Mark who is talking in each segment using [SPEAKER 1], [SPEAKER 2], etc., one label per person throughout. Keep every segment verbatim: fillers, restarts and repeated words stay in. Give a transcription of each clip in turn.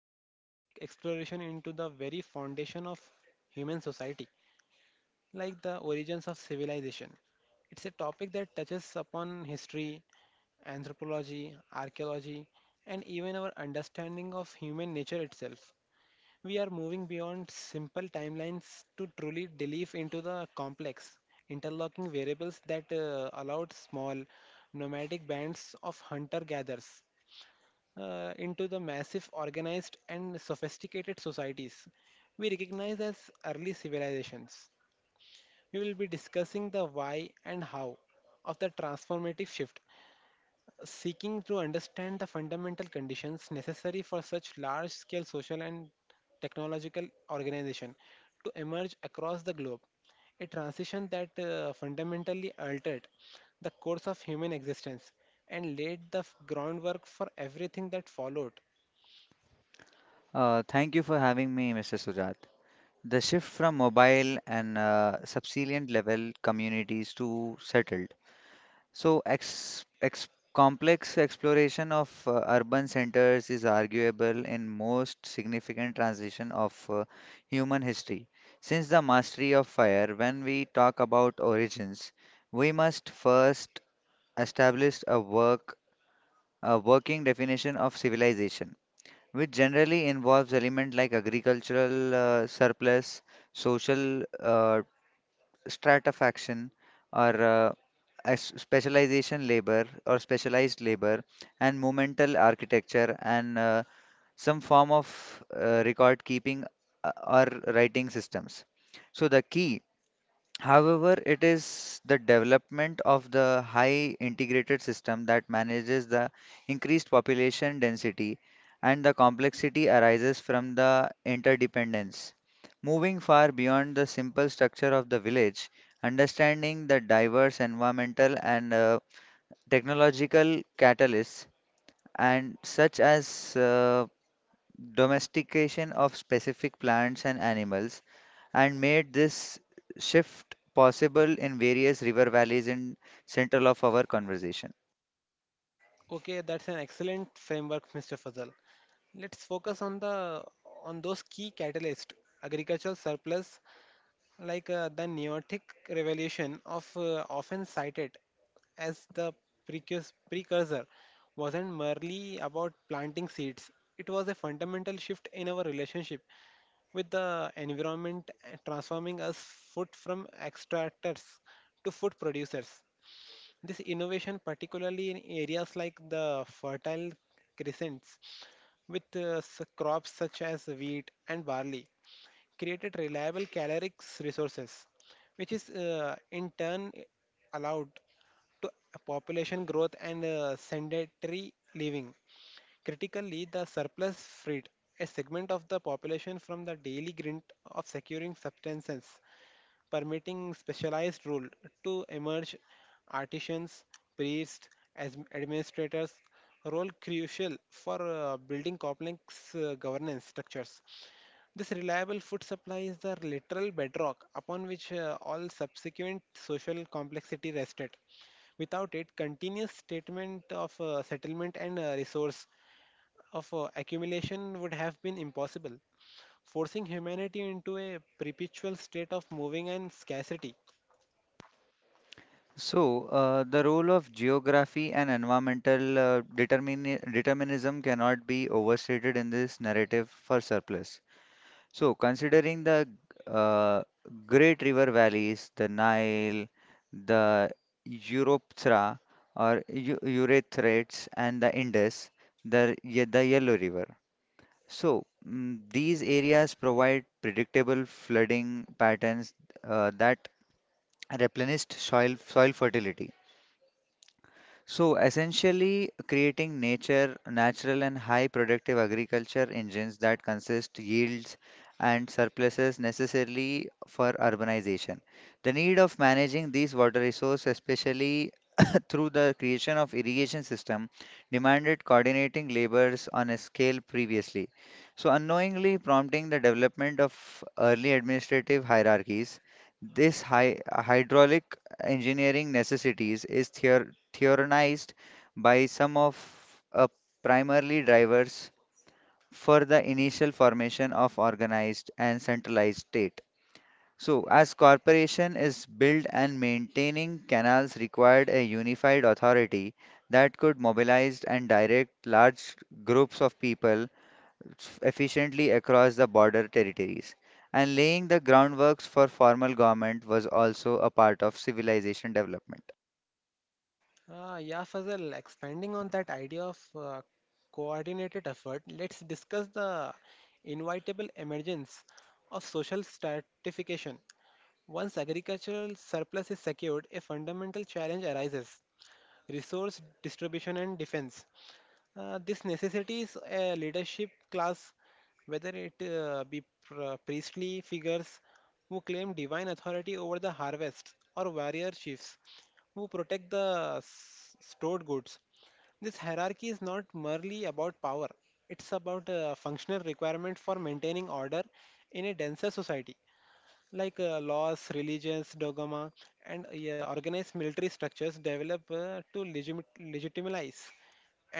[SPEAKER 1] sprawling exploration into the very foundation of human society, like the origins of civilization. It's a topic that touches upon history, anthropology, archaeology, and even our understanding of human nature itself. We are moving beyond simple timelines to truly delve into the complex, interlocking variables that uh, allowed small, nomadic bands of hunter gatherers uh, into the massive, organized, and sophisticated societies we recognize as early civilizations. We will be discussing the why and how of the transformative shift, seeking to understand the fundamental conditions necessary for such large scale social and technological organization to emerge across the globe, a transition that uh, fundamentally altered the course of human existence and laid the f- groundwork for everything that followed.
[SPEAKER 2] Uh, thank you for having me, mister Sujat. The shift from mobile and uh, subsilient level communities to settled. So, ex ex complex exploration of uh, urban centers is arguable in most significant transition of uh, human history. Since the mastery of fire, when we talk about origins, we must first establish a work a working definition of civilization, which generally involves elements like agricultural uh, surplus, social uh, stratification, or uh, as- specialization labor or specialized labor, and monumental architecture, and uh, some form of uh, record keeping uh, or writing systems. So the key However, it is the development of the high integrated system that manages the increased population density, and the complexity arises from the interdependence. Moving far beyond the simple structure of the village, understanding the diverse environmental and uh, technological catalysts, and such as uh, domestication of specific plants and animals and made this shift possible in various river valleys in central of our conversation.
[SPEAKER 1] Okay, that's an excellent framework, Mr. Fazal. Let's focus on the on those key catalysts. Agricultural surplus, like uh, the Neolithic revolution of, uh, often cited as the precurs- precursor, wasn't merely about planting seeds. It was a fundamental shift in our relationship with the environment, uh, transforming us food from extractors to food producers. This innovation, particularly in areas like the Fertile Crescents with uh, s- crops such as wheat and barley, created reliable caloric resources, which is uh, in turn allowed to population growth and uh, sedentary living. Critically, the surplus freed a segment of the population from the daily grind of securing substances, permitting specialized rule to emerge. Artisans, priests, as administrators, role crucial for uh, building complex uh, governance structures. This reliable food supply is the literal bedrock upon which uh, all subsequent social complexity rested. Without it, continuous statement of uh, settlement and uh, resource of uh, accumulation would have been impossible, forcing humanity into a perpetual state of moving and scarcity.
[SPEAKER 2] So, uh, the role of geography and environmental uh, determini- determinism cannot be overstated in this narrative for surplus. So, considering the uh, great river valleys, the Nile, the Europthra or Eu- Euphrates, and the Indus, the, Ye- the Yellow River. So, mm, these areas provide predictable flooding patterns uh, that replenish soil soil fertility. So, essentially creating nature natural and high productive agriculture engines that consist yields and surpluses necessarily for urbanization. The need of managing these water resources, especially through the creation of irrigation system, demanded coordinating labors on a scale previously. So unknowingly prompting the development of early administrative hierarchies, this hy- hydraulic engineering necessities is theor- theorized by some of uh, primarily drivers for the initial formation of organized and centralized state. So, as corporation is built and maintaining canals required a unified authority that could mobilize and direct large groups of people efficiently across the border territories. And laying the groundworks for formal government was also a part of civilization development.
[SPEAKER 1] Uh, yeah, Fazal, expanding on that idea of uh, coordinated effort, let's discuss the inevitable emergence of social stratification. Once agricultural surplus is secured, a fundamental challenge arises: resource distribution and defense. Uh, this necessitates a leadership class, whether it uh, be pr- uh, priestly figures who claim divine authority over the harvest, or warrior chiefs who protect the s- stored goods. This hierarchy is not merely about power, it's about a functional requirement for maintaining order in a denser society, like uh, laws, religions, dogma, and uh, yeah, organized military structures develop uh, to legit legitimize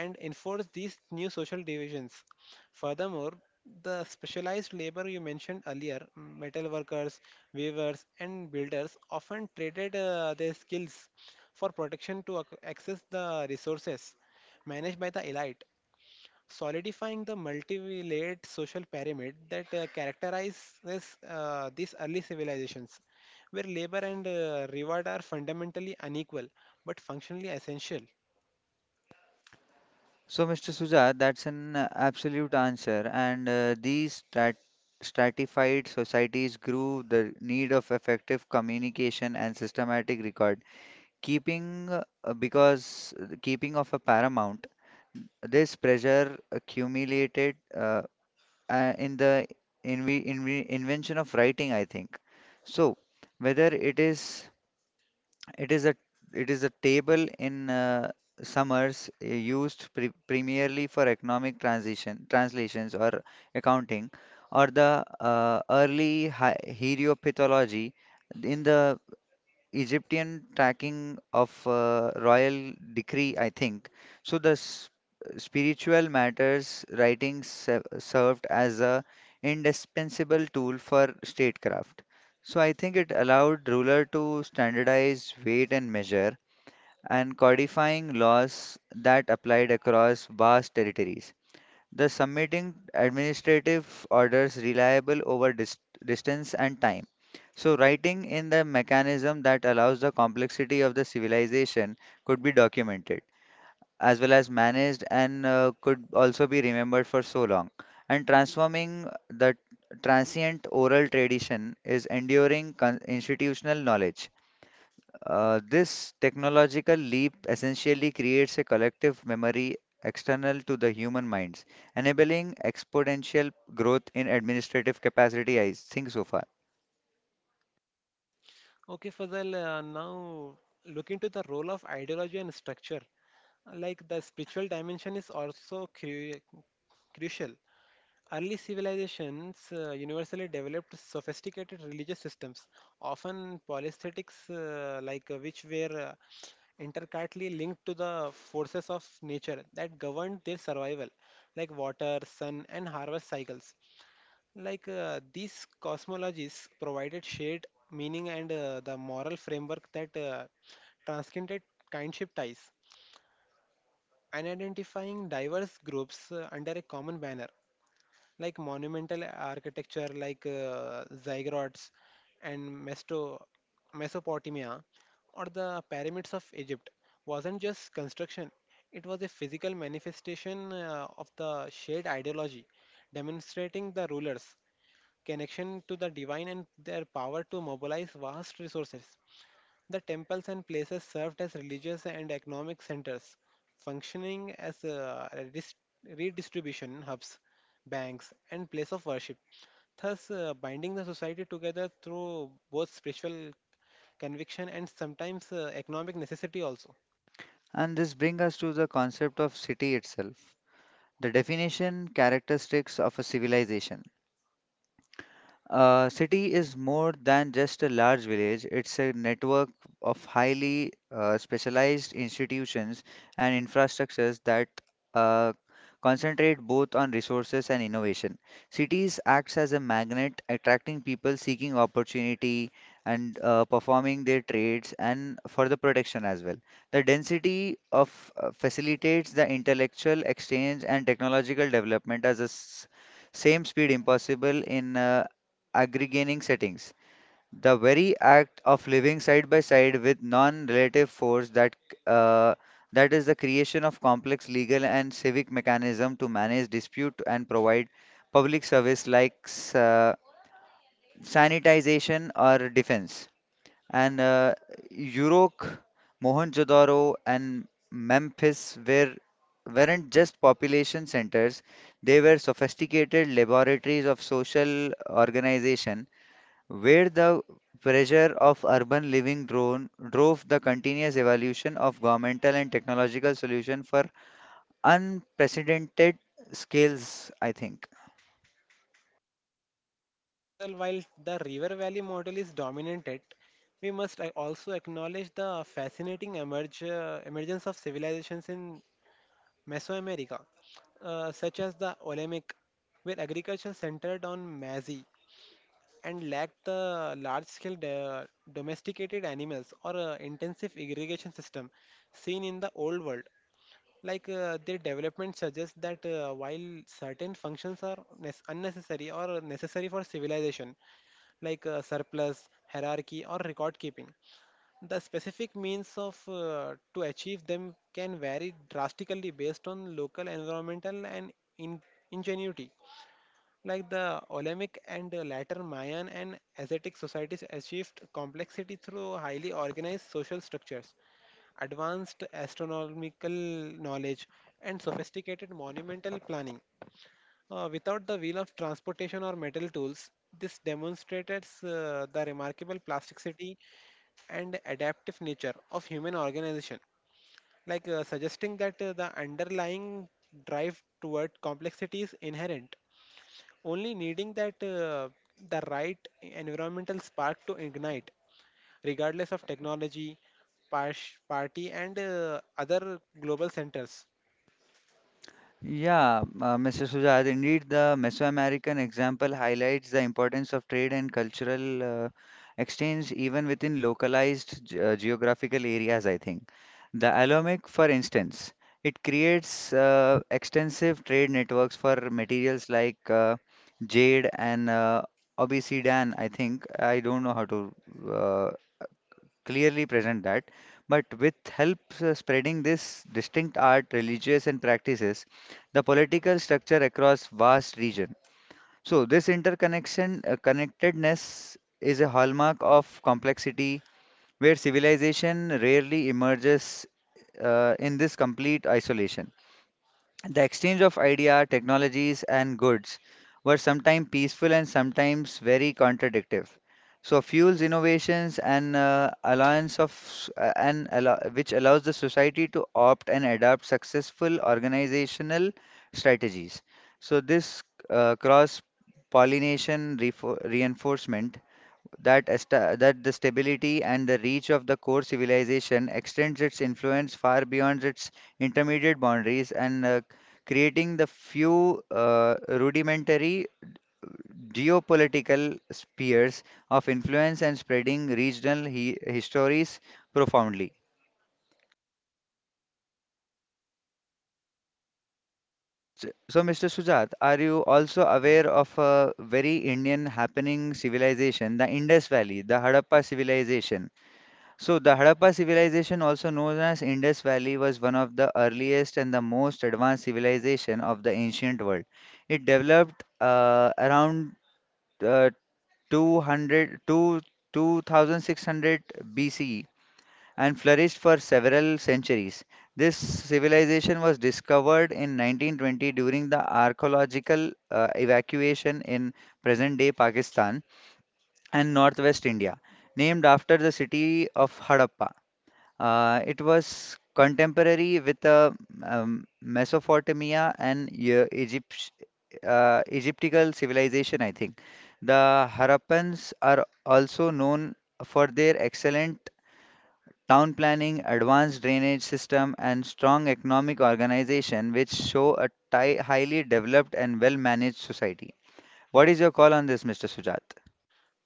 [SPEAKER 1] and enforce these new social divisions. Furthermore, the specialized labor you mentioned earlier, mm, metal workers, weavers, and builders, often traded uh, their skills for protection to ac- access the resources managed by the elite, solidifying the multi-layered social pyramid that uh, characterizes uh, these early civilizations, where labor and uh, reward are fundamentally unequal but functionally essential.
[SPEAKER 2] So, mister Sujat, that's an uh, absolute answer. And uh, these strat stratified societies grew the need of effective communication and systematic record keeping, uh, because the keeping of a paramount, this pressure accumulated uh, uh, in the inve inve invention of writing, I think. So, whether it is it is a it is a table in uh, summers uh, used pre primarily for economic transition translations or accounting, or the uh, early hi- hieropathology in the Egyptian tracking of uh, royal decree, I think. So the s- spiritual matters writing se- served as a indispensable tool for statecraft. So I think it allowed ruler to standardize weight and measure and codifying laws that applied across vast territories. The submitting administrative orders reliable over dis- distance and time. So, writing in the mechanism that allows the complexity of the civilization could be documented as well as managed and uh, could also be remembered for so long. And transforming the transient oral tradition is enduring con- institutional knowledge. Uh, this technological leap essentially creates a collective memory external to the human minds, enabling exponential growth in administrative capacity, I think so far.
[SPEAKER 1] Okay, Fazal, uh, now look into the role of ideology and structure. Like the spiritual dimension is also cru- crucial. Early civilizations uh, universally developed sophisticated religious systems, often polytheistics, uh, like uh, which were, uh, intricately linked to the forces of nature that governed their survival, like water, sun, and harvest cycles. Like uh, these cosmologies provided shared meaning and uh, the moral framework that uh, transcended kinship ties and identifying diverse groups uh, under a common banner, like monumental architecture like uh, ziggurats and Mesto- Mesopotamia or the pyramids of Egypt. Wasn't just construction, it was a physical manifestation uh, of the shared ideology, demonstrating the rulers' connection to the divine and their power to mobilize vast resources. The temples and places served as religious and economic centers, functioning as uh, redis- redistribution hubs, banks, and place of worship, thus uh, binding the society together through both spiritual conviction and sometimes uh, economic necessity also.
[SPEAKER 2] And this brings us to the concept of city itself, the definition characteristics of a civilization. A city is more than just a large village, it's a network of highly uh, specialized institutions and infrastructures that uh, concentrate both on resources and innovation. Cities acts as a magnet, attracting people seeking opportunity and uh, performing their trades and for the protection as well. The density of uh, facilitates the intellectual exchange and technological development as a s- same speed impossible in uh, aggregating settings. The very act of living side by side with non-relative force that uh, that is the creation of complex legal and civic mechanism to manage dispute and provide public service like s- uh, sanitization or defense. And uh, Uruk, Mohenjo-daro, and Memphis were weren't just population centers; they were sophisticated laboratories of social organization where the pressure of urban living drone drove the continuous evolution of governmental and technological solution for unprecedented scales, I think.
[SPEAKER 1] Further, while the river valley model is dominated, we must uh, also acknowledge the fascinating emerge, uh, emergence of civilizations in Mesoamerica, uh, such as the Olmec, where agriculture centered on maize and lacked the large-scale do- domesticated animals or uh, intensive irrigation system seen in the old world. Like uh, their development suggests that uh, while certain functions are nes- unnecessary or necessary for civilization, like uh, surplus, hierarchy, or record keeping, the specific means of uh, to achieve them can vary drastically based on local environmental and in- ingenuity. Like the Olympic and uh, later Mayan and Asiatic societies achieved complexity through highly organized social structures, advanced astronomical knowledge, and sophisticated monumental planning. Uh, without the wheel of transportation or metal tools, this demonstrates uh, the remarkable plasticity and adaptive nature of human organization, like uh, suggesting that uh, the underlying drive toward complexity is inherent, only needing that uh, the right environmental spark to ignite, regardless of technology, pars- party, and uh, other global centers.
[SPEAKER 2] Yeah, uh, mister Sujat, indeed, the Mesoamerican example highlights the importance of trade and cultural uh, exchange even within localized ge- uh, geographical areas, I think. The Alomic, for instance, it creates uh, extensive trade networks for materials like uh, jade and uh, obsidian, I think. I don't know how to uh, clearly present that. But with help uh, spreading this distinct art, religious and practices, the political structure across vast region. So this interconnection uh, connectedness is a hallmark of complexity where civilization rarely emerges uh, in this complete isolation. The exchange of idea, technologies, and goods were sometimes peaceful and sometimes very contradictory. So fuels innovations and uh, alliance of s- uh, and allo which allows the society to opt and adopt successful organizational strategies. So this uh, cross pollination reinforcement that, esta that the stability and the reach of the core civilization extends its influence far beyond its intermediate boundaries and uh, creating the few uh, rudimentary geopolitical spheres of influence and spreading regional he histories profoundly. So, so, mister Sujat, are you also aware of a very Indian happening civilization, the Indus Valley, the Harappa civilization? So the Harappa civilization, also known as Indus Valley, was one of the earliest and the most advanced civilization of the ancient world. It developed uh, around uh, two hundred to twenty-six hundred B C E and flourished for several centuries. This civilization was discovered in nineteen twenty during the archaeological uh, evacuation in present-day Pakistan and northwest India, named after the city of Harappa. Uh, it was contemporary with uh, um, Mesopotamia and uh, Egypt, uh, Egyptical civilization, I think. The Harappans are also known for their excellent town planning, advanced drainage system, and strong economic organization, which show a ti- highly developed and well-managed society. What is your call on this, mister Sujat?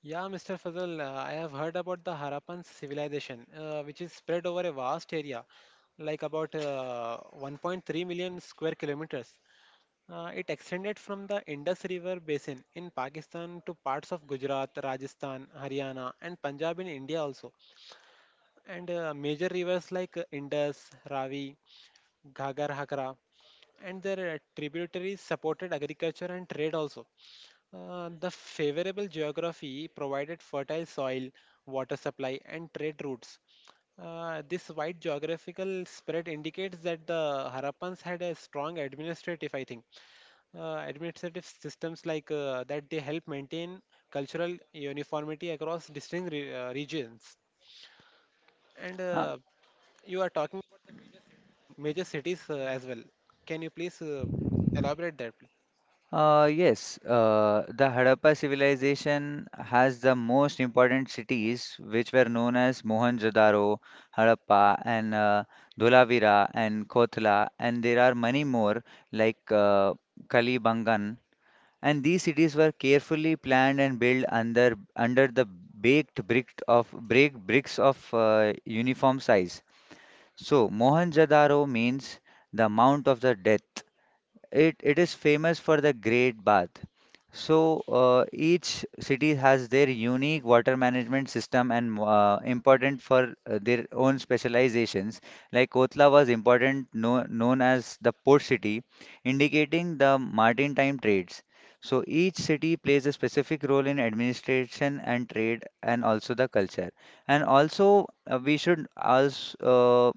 [SPEAKER 1] Yeah, Mister Fazal, uh, I have heard about the Harappan civilization, uh, which is spread over a vast area, like about uh, one point three million square kilometers. Uh, it extended from the Indus River basin in Pakistan to parts of Gujarat, Rajasthan, Haryana, and Punjab in India also. And uh, major rivers like uh, Indus, Ravi, Ghagar, Hakra, and their uh, tributaries supported agriculture and trade also. Uh, the favorable geography provided fertile soil, water supply, and trade routes. Uh, this wide geographical spread indicates that the Harappans had a strong administrative, I think uh, administrative systems like uh, that they help maintain cultural uniformity across distinct re- uh, regions. And uh, you are talking uh, major cities uh, as well. Can you please uh, elaborate that?
[SPEAKER 2] Uh, yes, uh, the Harappa civilization has the most important cities, which were known as Mohenjo-daro, Harappa, and uh, Dholavira, and Kotla, and there are many more like uh, Kalibangan. And these cities were carefully planned and built under under the baked brick of break bricks of uh, uniform size. So Mohenjo-daro means the mount of the death, it it is famous for the Great Bath. So uh, each city has their unique water management system and uh, important for uh, their own specializations. Like Kotla was important, no, known as the port city, indicating the maritime trades. So each city plays a specific role in administration and trade, and also the culture. And also uh, we should also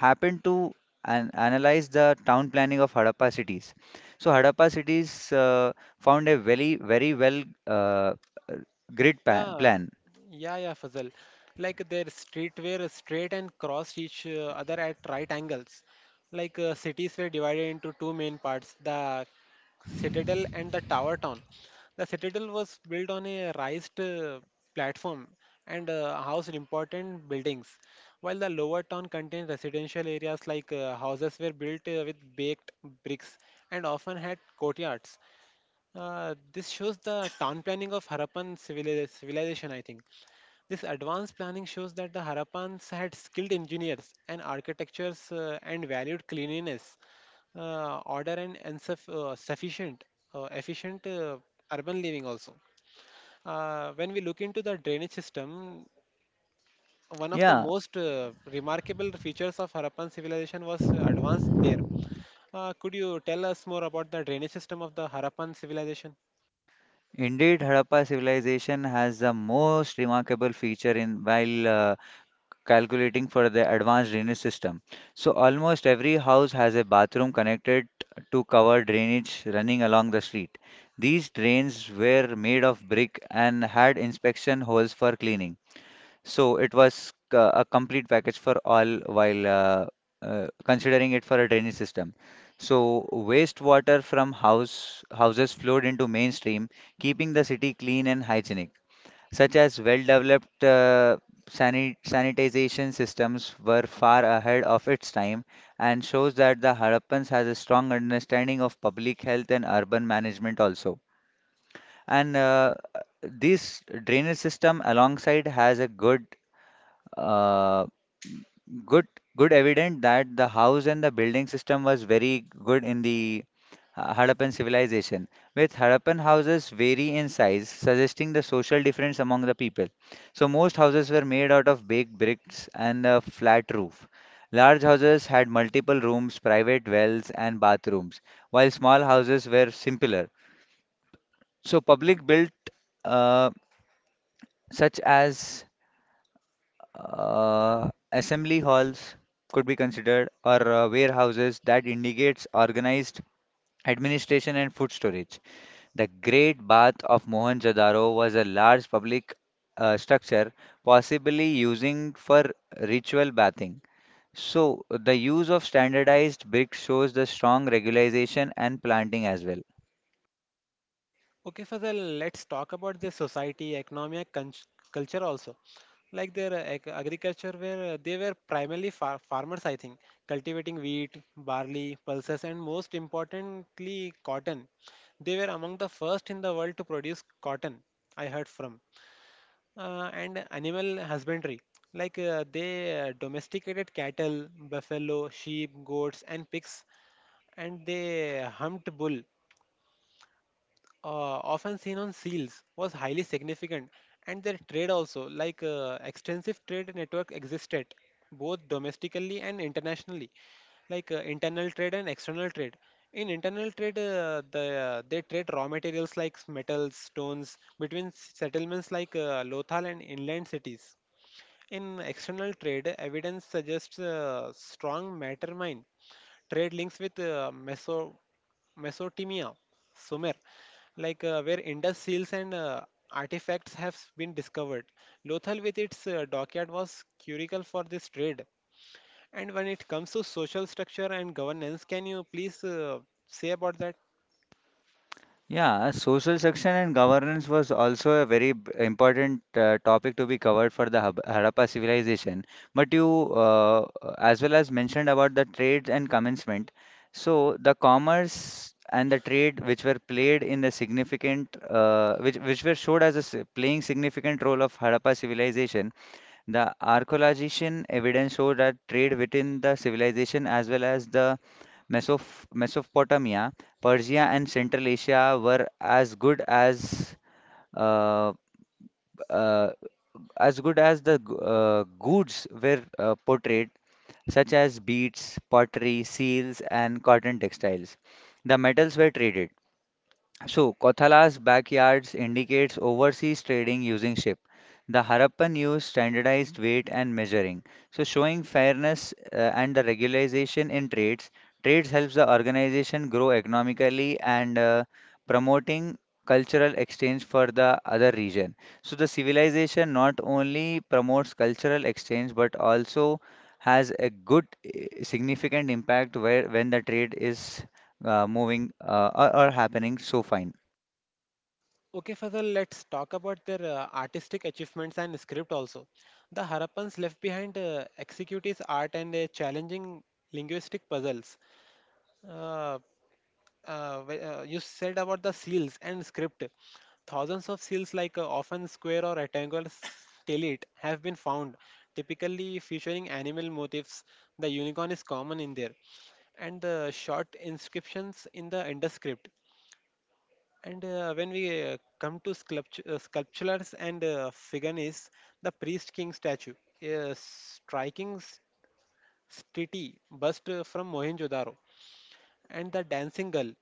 [SPEAKER 2] happened to an- analyze the town planning of Harappa cities. So Harappa cities uh, found a very, very well uh, grid pa-
[SPEAKER 1] Yeah,
[SPEAKER 2] plan.
[SPEAKER 1] yeah, yeah, Fazal. Like their streetwear is straight and crossed each uh, other at right angles. Like uh, cities were divided into two main parts, the citadel and the tower town. The citadel was built on a raised uh, platform and uh, housed important buildings, while the lower town contained residential areas. Like uh, houses were built uh, with baked bricks and often had courtyards. Uh, this shows the town planning of Harappan civili- civilization, I think. This advanced planning shows that the Harappans had skilled engineers and architectures uh, and valued cleanliness, uh, order, and, and uh, sufficient, uh, efficient uh, urban living also. Uh, when we look into the drainage system, one of the
[SPEAKER 2] Yeah,
[SPEAKER 1] most uh, remarkable features of Harappan civilization was uh, advanced there. Uh, could you tell us more about the drainage system of the Harappan civilization?
[SPEAKER 2] indeed, Harappa civilization has the most remarkable feature in while uh, calculating for the advanced drainage system. So almost every house has a bathroom connected to cover drainage running along the street. These drains were made of brick and had inspection holes for cleaning. So it was uh, a complete package for all while uh, uh, considering it for a drainage system. So wastewater from house houses flowed into mainstream, keeping the city clean and hygienic. Such as well-developed uh, sani- sanitization systems were far ahead of its time and shows that the Harappans has a strong understanding of public health and urban management also. And uh, this drainage system alongside has a good uh, good good evident that the house and the building system was very good in the uh, Harappan civilization, with Harappan houses vary in size, suggesting the social difference among the people. So most houses were made out of baked bricks and a flat roof. Large houses had multiple rooms, private wells, and bathrooms, while small houses were simpler. So public built uh, such as Uh, assembly halls could be considered or uh, warehouses that indicates organized administration and food storage. The Great Bath of Mohenjo-daro was a large public uh, structure, possibly using for ritual bathing. So the use of standardized bricks shows the strong regularization and planting as well.
[SPEAKER 1] Okay, Fazal, let's talk about the society, economy, and culture also. Like their uh, ag- agriculture, where uh, they were primarily far- farmers, I think, cultivating wheat, barley, pulses, and most importantly, cotton. They were among the first in the world to produce cotton, I heard from. Uh, and animal husbandry, like uh, they uh, domesticated cattle, buffalo, sheep, goats, and pigs, and they humped bull uh, often seen on seals was highly significant. And their trade also, like uh, extensive trade network existed both domestically and internationally, like uh, internal trade and external trade. In internal trade, uh, the uh, they trade raw materials like metals stones between s- settlements like uh, Lothal and inland cities. In external trade, evidence suggests uh, strong matter mine trade links with uh, meso Mesopotamia, Sumer, like uh, where Indus seals and uh, artifacts have been discovered. Lothal with its uh, dockyard was curical for this trade. And when it comes to social structure and governance, can you please uh, say about that?
[SPEAKER 2] Yeah, uh, social section and governance was also a very b- important uh, topic to be covered for the Hab- Harappa civilization. But you, uh, as well as mentioned about the trades and commencement, so the commerce and the trade which were played in the significant, uh, which which were showed as a s- playing significant role of Harappa civilization, the archaeological evidence show that trade within the civilization as well as the Mesop- Mesopotamia, Persia, and Central Asia were as good as uh, uh, as good as the g- uh, goods were uh, portrayed, such as beads, pottery, seals, and cotton textiles. The metals were traded. So, Kothala's backyards indicates overseas trading using ship. The Harappan used standardized weight and measuring. So, showing fairness uh, and the regularization in trades. Trades helps the organization grow economically and uh, promoting cultural exchange for the other region. So, the civilization not only promotes cultural exchange but also has a good uh, significant impact where when the trade is uh, moving uh, or, or happening so fine.
[SPEAKER 1] Okay, Fazal, let's talk about their uh, artistic achievements and script also. The Harappans left behind uh, executives art and uh, challenging linguistic puzzles. Uh, uh, wh- uh, you said about the seals and script. Thousands of seals, like uh, often square or rectangular stellate, have been found, typically featuring animal motifs. The unicorn is common in there, and the short inscriptions in the underscript. And uh, when we uh, come to sculpt- uh, sculptures and uh, figurines, the priest king statue, a striking s- stele bust uh, from Mohenjo-daro, and the dancing girl,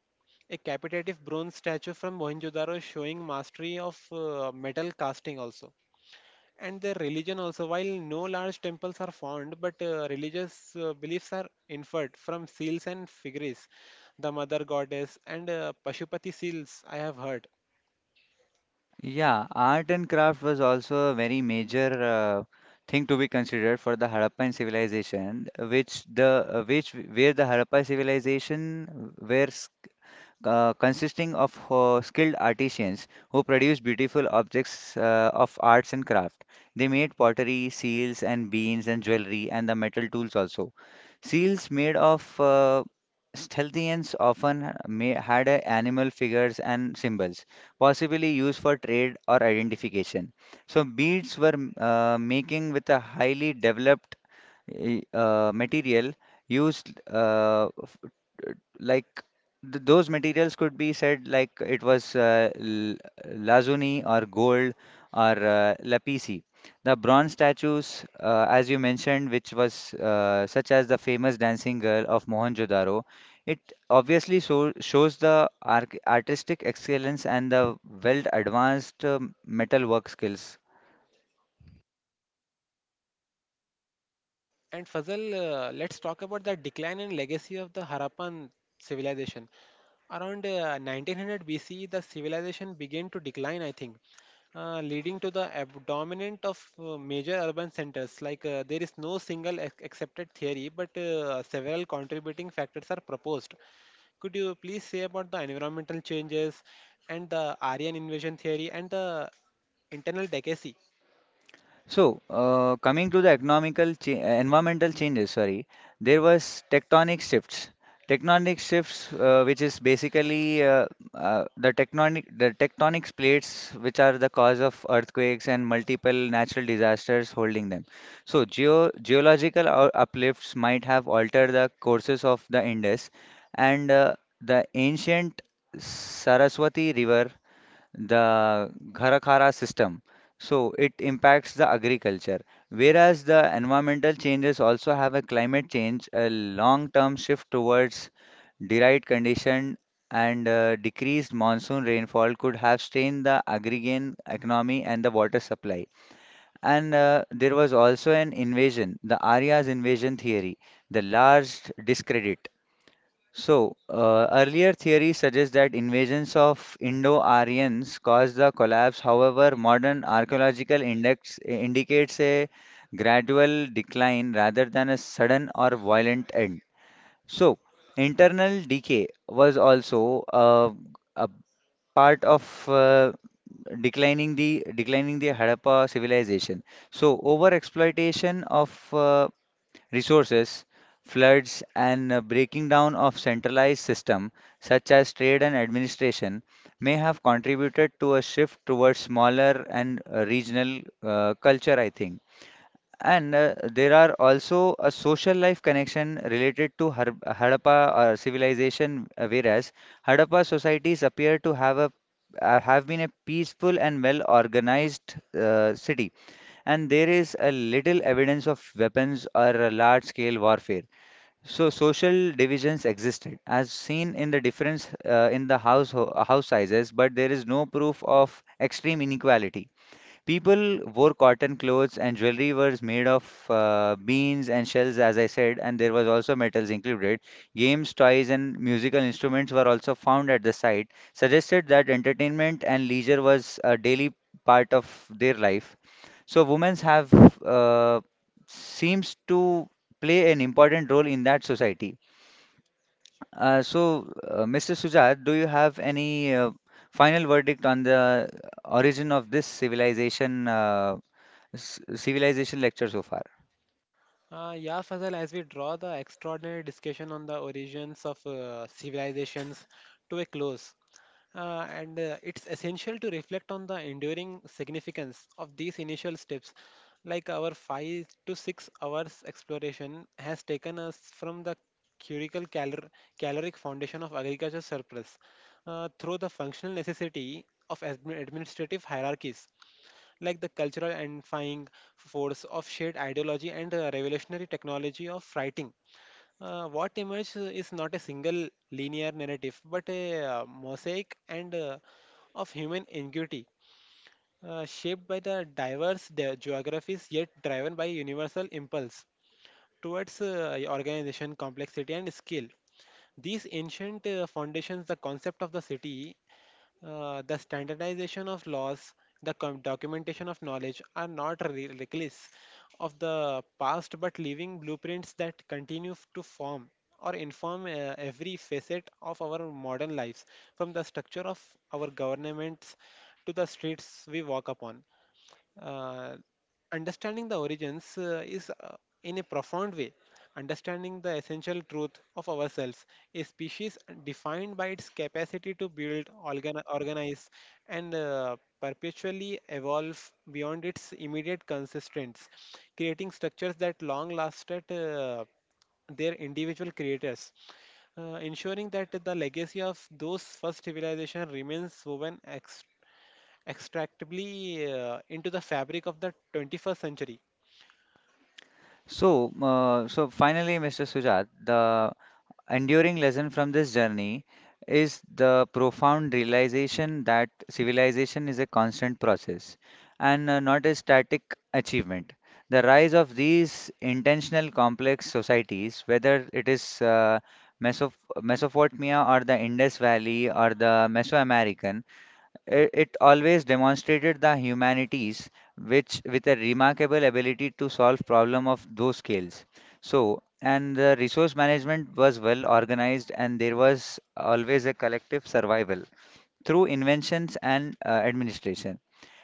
[SPEAKER 1] a capitative bronze statue from Mohenjo-daro showing mastery of uh, metal casting also. And their religion also, while no large temples are found, but uh, religious uh, beliefs are inferred from seals and figures, the mother goddess and uh, Pashupati seals I have heard.
[SPEAKER 2] Yeah, art and craft was also a very major uh, thing to be considered for the Harappan civilization, which the uh, which where the Harappa civilization where uh, consisting of uh, skilled artisans who produced beautiful objects uh, of arts and craft. They made pottery, seals, and beans, and jewelry, and the metal tools also. Seals made of uh, Stalthians often may had uh, animal figures and symbols, possibly used for trade or identification. So beads were uh, making with a highly developed i- uh, material used uh, f- t- like th those materials could be said like it was uh, l- lazuli or gold or uh, lapisi. The bronze statues, uh, as you mentioned, which was uh, such as the famous dancing girl of Mohenjo-daro, it obviously so shows the arch artistic excellence and the well advanced um, metalwork skills.
[SPEAKER 1] And Fazal, uh, let's talk about the decline and legacy of the Harappan civilization. Around uh, nineteen hundred B C, the civilization began to decline, I think, uh, leading to the abdominant of uh, major urban centers. Like uh, there is no single ac- accepted theory, but uh, several contributing factors are proposed. Could you please say about the environmental changes and the Aryan invasion theory and the internal legacy?
[SPEAKER 2] So, uh, coming to the economical cha- uh, environmental changes, sorry, there was tectonic shifts. Tectonic shifts, uh, which is basically uh, uh, the tectonic the tectonic plates, which are the cause of earthquakes and multiple natural disasters holding them. So, geo geological ou- uplifts might have altered the courses of the Indus, and uh, the ancient Saraswati River the Gharakara system. So it impacts the agriculture. Whereas the environmental changes also have a climate change, a long-term shift towards derived condition and uh, decreased monsoon rainfall could have strained the agrarian economy and the water supply. And uh, there was also an invasion, the Arya's invasion theory, the large discredit. So, uh, earlier theories suggest that invasions of Indo-Aryans caused the collapse. However, modern archaeological index indicates a gradual decline rather than a sudden or violent end. So, internal decay was also uh, a part of uh, declining the declining the Harappa civilization. So, over exploitation of uh, resources, floods, and uh, breaking down of centralized system such as trade and administration may have contributed to a shift towards smaller and uh, regional uh, culture, I think. And uh, there are also a social life connection related to Har- Harappa uh, civilization, uh, whereas Harappa societies appear to have a uh, have been a peaceful and well organized uh, city and there is a little evidence of weapons or large scale warfare. So social divisions existed, as seen in the difference uh, in the house house sizes, but there is no proof of extreme inequality. People wore cotton clothes and jewelry was made of uh, beans and shells, as I said, and there was also metals included. Games, toys, and musical instruments were also found at the site, suggested that entertainment and leisure was a daily part of their life. So women's have uh, seems to play an important role in that society. Uh, so, uh, mister Sujat, do you have any uh, final verdict on the origin of this civilization uh, c civilization lecture so far?
[SPEAKER 1] Uh, yeah, Fazal, as we draw the extraordinary discussion on the origins of uh, civilizations to a close, Uh, and uh, it's essential to reflect on the enduring significance of these initial steps. Like our five to six hours exploration has taken us from the curical calor- caloric foundation of agriculture surplus uh, through the functional necessity of admi- administrative hierarchies, like the cultural and fying force of shared ideology and uh, revolutionary technology of writing. Uh, what emerges is not a single linear narrative, but a uh, mosaic and uh, of human ingenuity, uh, shaped by the diverse de- geographies, yet driven by universal impulse towards uh, organization, complexity, and skill. These ancient uh, foundations, the concept of the city, uh, the standardization of laws, the com- documentation of knowledge, are not re- reckless of the past but living blueprints that continue f- to form or inform uh, every facet of our modern lives, from the structure of our governments to the streets we walk upon. uh, Understanding the origins uh, is, uh, in a profound way, understanding the essential truth of ourselves, a species defined by its capacity to build, organ- organize, and uh, perpetually evolve beyond its immediate consistency, creating structures that long lasted uh, their individual creators, uh, ensuring that the legacy of those first civilization remains woven extractably uh, into the fabric of the twenty-first century.
[SPEAKER 2] So, uh, so finally, mister Sujat, the enduring lesson from this journey is the profound realization that civilization is a constant process and uh, not a static achievement. The rise of these intentional complex societies, whether it is uh, Meso- Mesopotamia or the Indus Valley or the Mesoamerican, it, it always demonstrated the humanities which with a remarkable ability to solve problem of those scales. So, and the resource management was well organized and there was always a collective survival through inventions and uh, administration.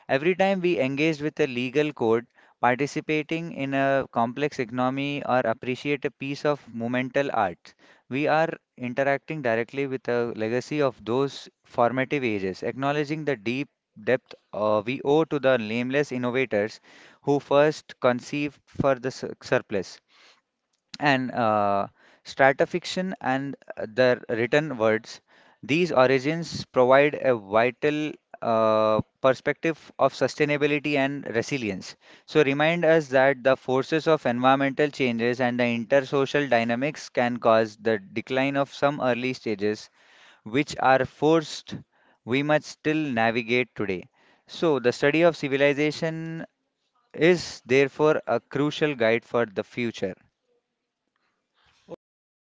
[SPEAKER 2] Every time we engage with a legal code, participating in a complex economy, or appreciate a piece of monumental art, we are interacting directly with the legacy of those formative ages, acknowledging the deep depth uh, we owe to the nameless innovators who first conceived for the sur- surplus and uh, stratification and their written words. These origins provide a vital uh, perspective of sustainability and resilience. So, remind us that the forces of environmental changes and the intersocial dynamics can cause the decline of some early stages, which are forced we must still navigate today. So, the study of civilization is therefore a crucial guide for the future.
[SPEAKER 1] Okay, Fazal,